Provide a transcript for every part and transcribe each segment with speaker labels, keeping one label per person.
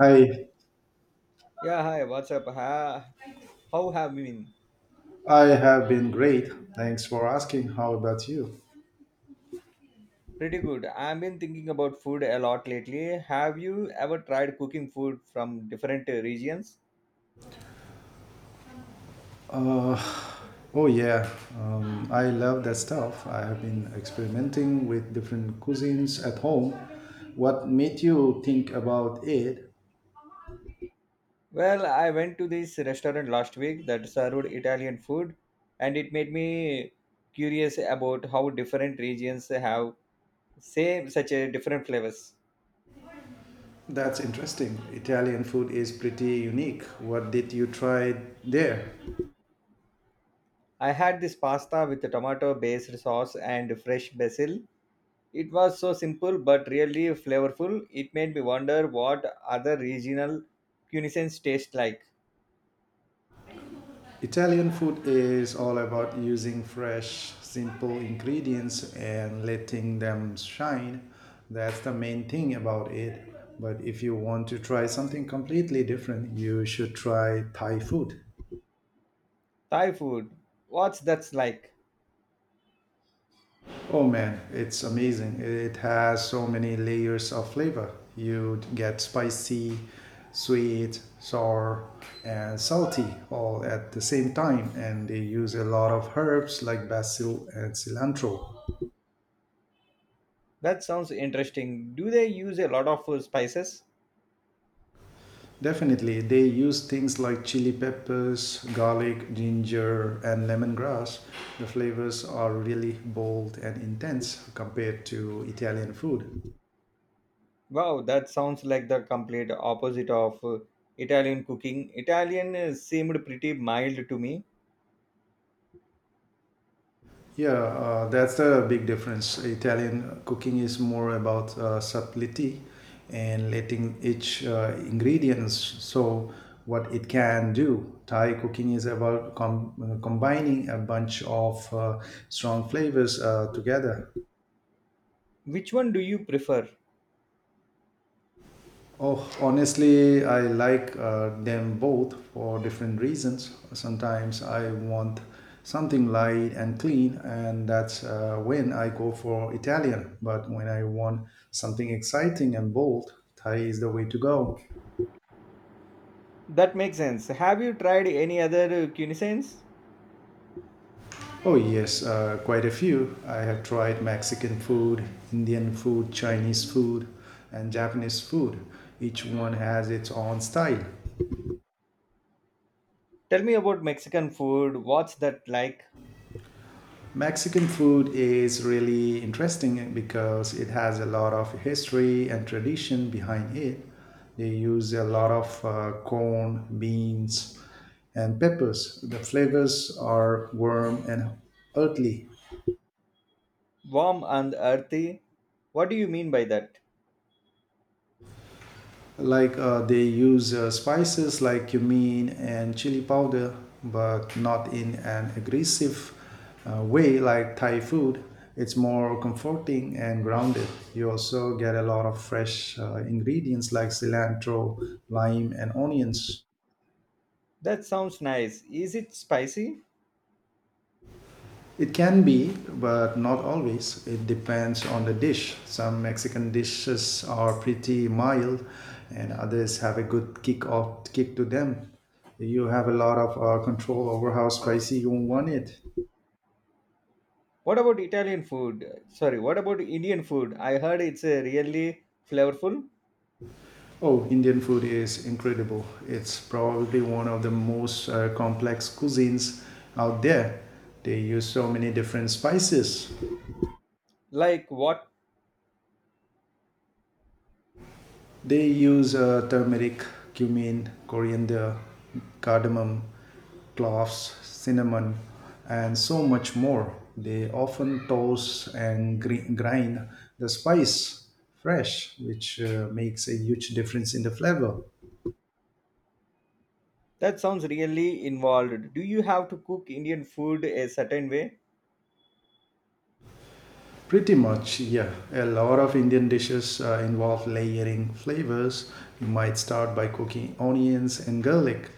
Speaker 1: Hi,
Speaker 2: Yeah, hi, what's up? Ha, how have you been?
Speaker 1: I have been great. Thanks for asking. How about you?
Speaker 2: Pretty good. I've been thinking about food a lot lately. Have you ever tried cooking food from different regions?
Speaker 1: Uh, oh yeah, I love that stuff. I have been experimenting with different cuisines at home. What made you think about it?
Speaker 2: Well, I went to this restaurant last week that served Italian food, and it made me curious about how different regions have same such a different flavors.
Speaker 1: That's interesting. Italian food is pretty unique. What did you try there?
Speaker 2: I had this pasta with tomato based sauce and fresh basil. It was so simple but really flavorful. It made me wonder what other regional cuisines taste like.
Speaker 1: Italian food is all about using fresh, simple ingredients and letting them shine. That's the main thing about it. But if you want to try something completely different, you should try Thai food.
Speaker 2: Thai food, what's that's like?
Speaker 1: Oh man, it's amazing. It has so many layers of flavor. You get spicy, sweet, sour, and salty all at the same time. And they use a lot of herbs like basil and cilantro.
Speaker 2: That sounds interesting. Do they use a lot of spices?
Speaker 1: Definitely, they use things like chili peppers, garlic, ginger, and lemongrass. The flavors are really bold and intense compared to Italian food.
Speaker 2: Wow, that sounds like the complete opposite of Italian cooking. Italian seemed pretty mild to me.
Speaker 1: Yeah, that's the big difference. Italian cooking is more about subtlety and letting each ingredients show what it can do. Thai cooking is about combining a bunch of strong flavors together.
Speaker 2: Which one do you prefer?
Speaker 1: Oh, honestly, I like them both for different reasons. Sometimes I want something light and clean, and that's when I go for Italian. But when I want something exciting and bold, Thai is the way to go.
Speaker 2: That makes sense. Have you tried any other cuisines?
Speaker 1: Oh, yes, quite a few. I have tried Mexican food, Indian food, Chinese food, and Japanese food. Each one has its own style.
Speaker 2: Tell me about Mexican food. What's that like?
Speaker 1: Mexican food is really interesting because it has a lot of history and tradition behind it. They use a lot of corn, beans, and peppers. The flavors are warm and earthly.
Speaker 2: Warm and earthy? What do you mean by that?
Speaker 1: Like they use spices like cumin and chili powder, but not in an aggressive way like Thai food. It's more comforting and grounded. You also get a lot of fresh ingredients like cilantro, lime, and onions.
Speaker 2: That sounds nice. Is it spicy?
Speaker 1: It can be, but not always. It depends on the dish. Some Mexican dishes are pretty mild, and others have a good kick off kick to them. You have a lot of control over how spicy you want it.
Speaker 2: What about Italian food? Sorry, what about Indian food? I heard it's really flavorful.
Speaker 1: Oh, Indian food is incredible. It's probably one of the most complex cuisines out there. They use so many different spices.
Speaker 2: Like what?
Speaker 1: They use turmeric, cumin, coriander, cardamom, cloves, cinnamon, and so much more. They often toast and grind the spice fresh, which makes a huge difference in the flavor.
Speaker 2: That sounds really involved. Do you have to cook Indian food a certain way?
Speaker 1: Pretty much, yeah. A lot of Indian dishes involve layering flavors. You might start by cooking onions and garlic,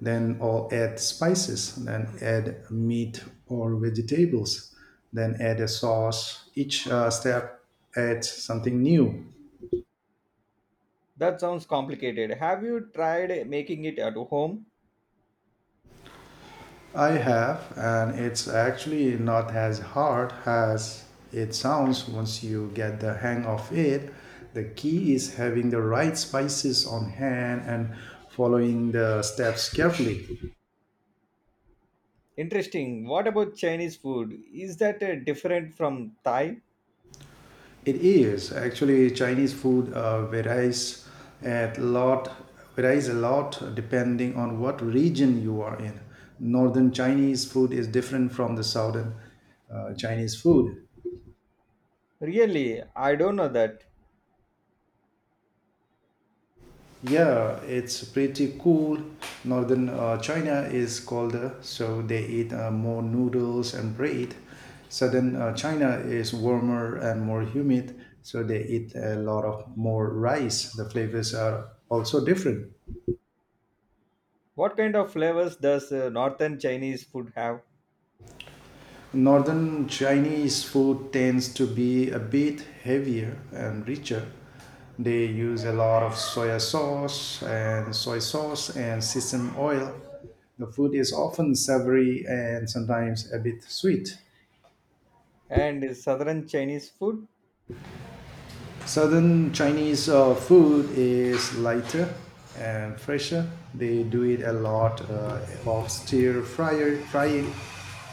Speaker 1: then all add spices, then add meat or vegetables, then add a sauce. Each step adds something new.
Speaker 2: That sounds complicated. Have you tried making it at home?
Speaker 1: I have, and it's actually not as hard as it sounds once you get the hang of it. The key is having the right spices on hand and following the steps carefully.
Speaker 2: Interesting. What about Chinese food? Is that different from Thai?
Speaker 1: It is actually Chinese food varies a lot depending on what region you are in. Northern Chinese food is different from the southern Chinese food.
Speaker 2: Really, I don't know that.
Speaker 1: Yeah, it's pretty cool. Northern China is colder, so they eat more noodles and bread. Southern China is warmer and more humid, so they eat a lot of more rice. The flavors are also different.
Speaker 2: What kind of flavors does northern Chinese food have
Speaker 1: Northern Chinese food tends to be a bit heavier and richer. They use a lot of soya sauce and soy sauce and sesame oil. The food is often savory and sometimes a bit sweet.
Speaker 2: and southern Chinese food?
Speaker 1: Southern Chinese food is lighter and fresher. They do it a lot of stir fryer, frying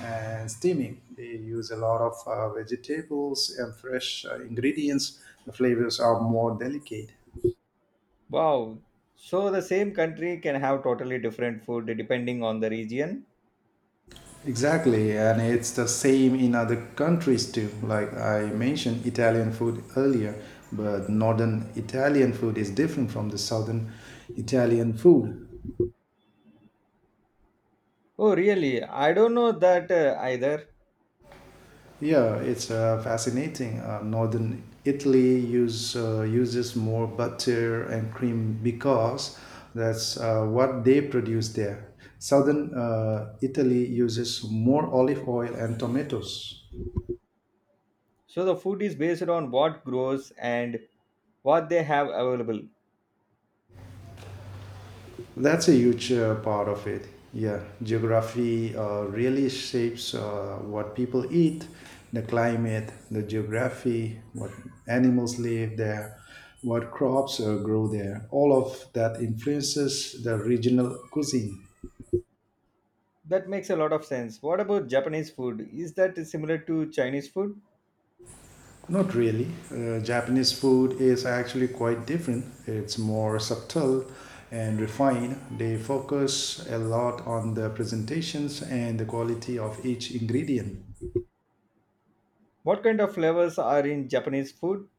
Speaker 1: and steaming. They use a lot of vegetables and fresh ingredients. The flavors are more delicate.
Speaker 2: Wow. So the same country can have totally different food depending on the region.
Speaker 1: Exactly, and it's the same in other countries too. Like I mentioned Italian food earlier, but northern Italian food is different from the southern Italian food.
Speaker 2: Oh, really? I don't know that either.
Speaker 1: Yeah, it's fascinating. Northern Italy use uses more butter and cream because that's what they produce there. Southern Italy uses more olive oil and tomatoes.
Speaker 2: So the food is based on what grows and what they have available.
Speaker 1: That's a huge part of it. Yeah, geography really shapes what people eat, the climate, the geography, what animals live there, what crops grow there. All of that influences the regional cuisine.
Speaker 2: That makes a lot of sense. What about Japanese food? Is that similar to Chinese food?
Speaker 1: Not really. Japanese food is actually quite different. It's more subtle and refined. They focus a lot on the presentations and the quality of each ingredient.
Speaker 2: What kind of flavors are in Japanese food?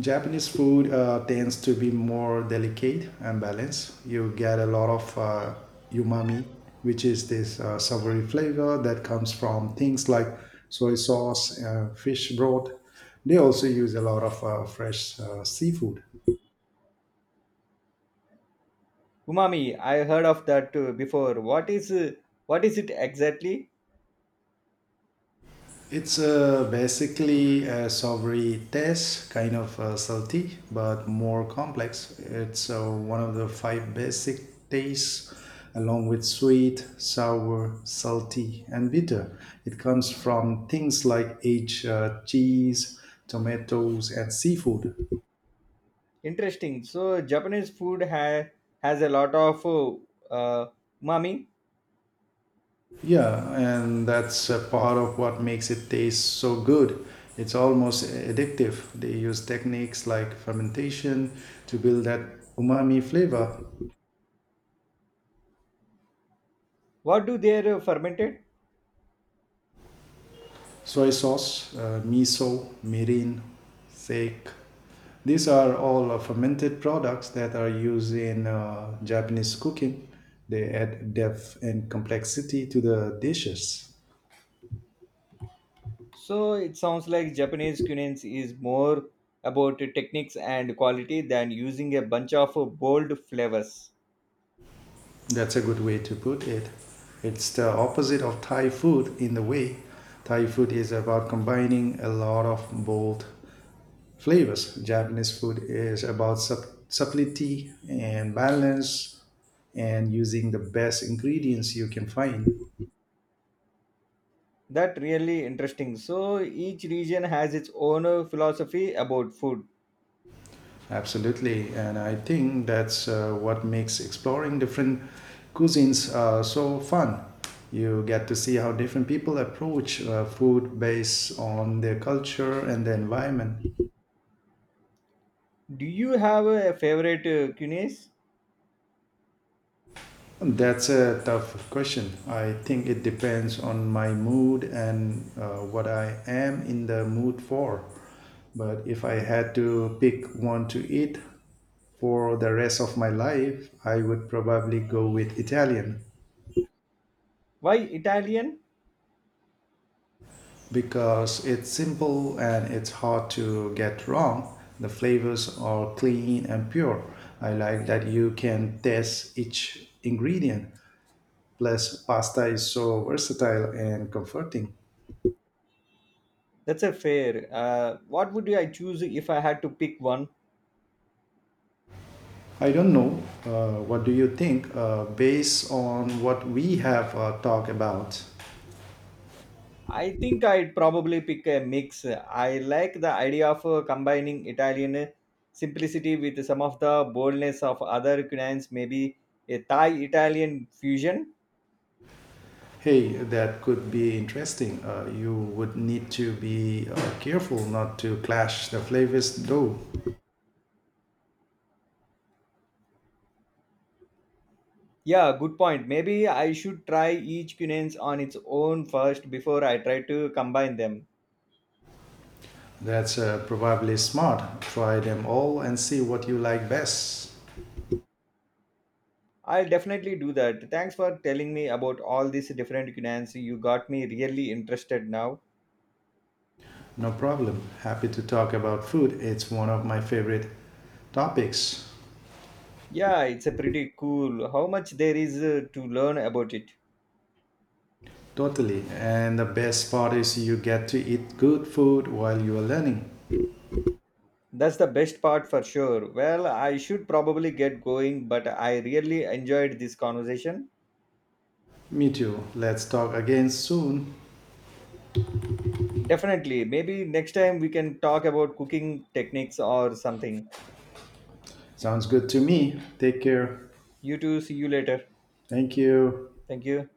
Speaker 1: Japanese food tends to be more delicate and balanced. You get a lot of umami, which is this savory flavor that comes from things like soy sauce, fish broth. They also use a lot of fresh seafood.
Speaker 2: Umami, I heard of that before. What is it exactly?
Speaker 1: It's basically a sovereign test, kind of salty, but more complex. It's one of the five basic tastes, along with sweet, sour, salty, and bitter. It comes from things like aged cheese, tomatoes, and seafood.
Speaker 2: Interesting. So Japanese food has a lot of uh, umami.
Speaker 1: Yeah, and that's a part of what makes it taste so good. It's almost addictive. They use techniques like fermentation to build that umami flavor.
Speaker 2: What do they fermented?
Speaker 1: Soy sauce, miso, mirin, sake. These are all fermented products that are used in Japanese cooking. They add depth and complexity to the dishes.
Speaker 2: So it sounds like Japanese cuisine is more about techniques and quality than using a bunch of bold flavors.
Speaker 1: That's a good way to put it. It's the opposite of Thai food in the way. Thai food is about combining a lot of bold flavors. Japanese food is about subtlety and balance and using the best ingredients you can find.
Speaker 2: That really interesting. So each region has its own philosophy about food.
Speaker 1: Absolutely. And I think that's what makes exploring different cuisines so fun. You get to see how different people approach food based on their culture and the environment.
Speaker 2: Do you have a favorite cuisine?
Speaker 1: That's a tough question. I think it depends on my mood and what I am in the mood for. But if I had to pick one to eat for the rest of my life, I would probably go with Italian
Speaker 2: Why Italian?
Speaker 1: because it's simple and it's hard to get wrong. The flavors are clean and pure. I like that you can taste each ingredient. Plus, pasta is so versatile and comforting.
Speaker 2: That's a fair. What would I choose if I had to pick one?
Speaker 1: I don't know. What do you think? Based on what we have talked about,
Speaker 2: I think I'd probably pick a mix. I like the idea of combining Italian simplicity with some of the boldness of other cuisines, maybe a Thai Italian fusion.
Speaker 1: hey, that could be interesting. You would need to be careful not to clash the flavors, though.
Speaker 2: Yeah, good point. Maybe I should try each cuisine on its own first before I try to combine them.
Speaker 1: That's probably smart. Try them all and see what you like best.
Speaker 2: I'll definitely do that. Thanks for telling me about all these different cuisines. You got me really interested now.
Speaker 1: No problem. Happy to talk about food. It's one of my favorite topics.
Speaker 2: Yeah, it's a pretty cool how much there is to learn about it.
Speaker 1: Totally. And the best part is you get to eat good food while you are learning.
Speaker 2: That's the best part for sure. Well, I should probably get going, but I really enjoyed this conversation.
Speaker 1: Me too. Let's talk again soon.
Speaker 2: Definitely. Maybe next time we can talk about cooking techniques or something.
Speaker 1: Sounds good to me. Take care.
Speaker 2: You too. See you later.
Speaker 1: Thank you.
Speaker 2: Thank you.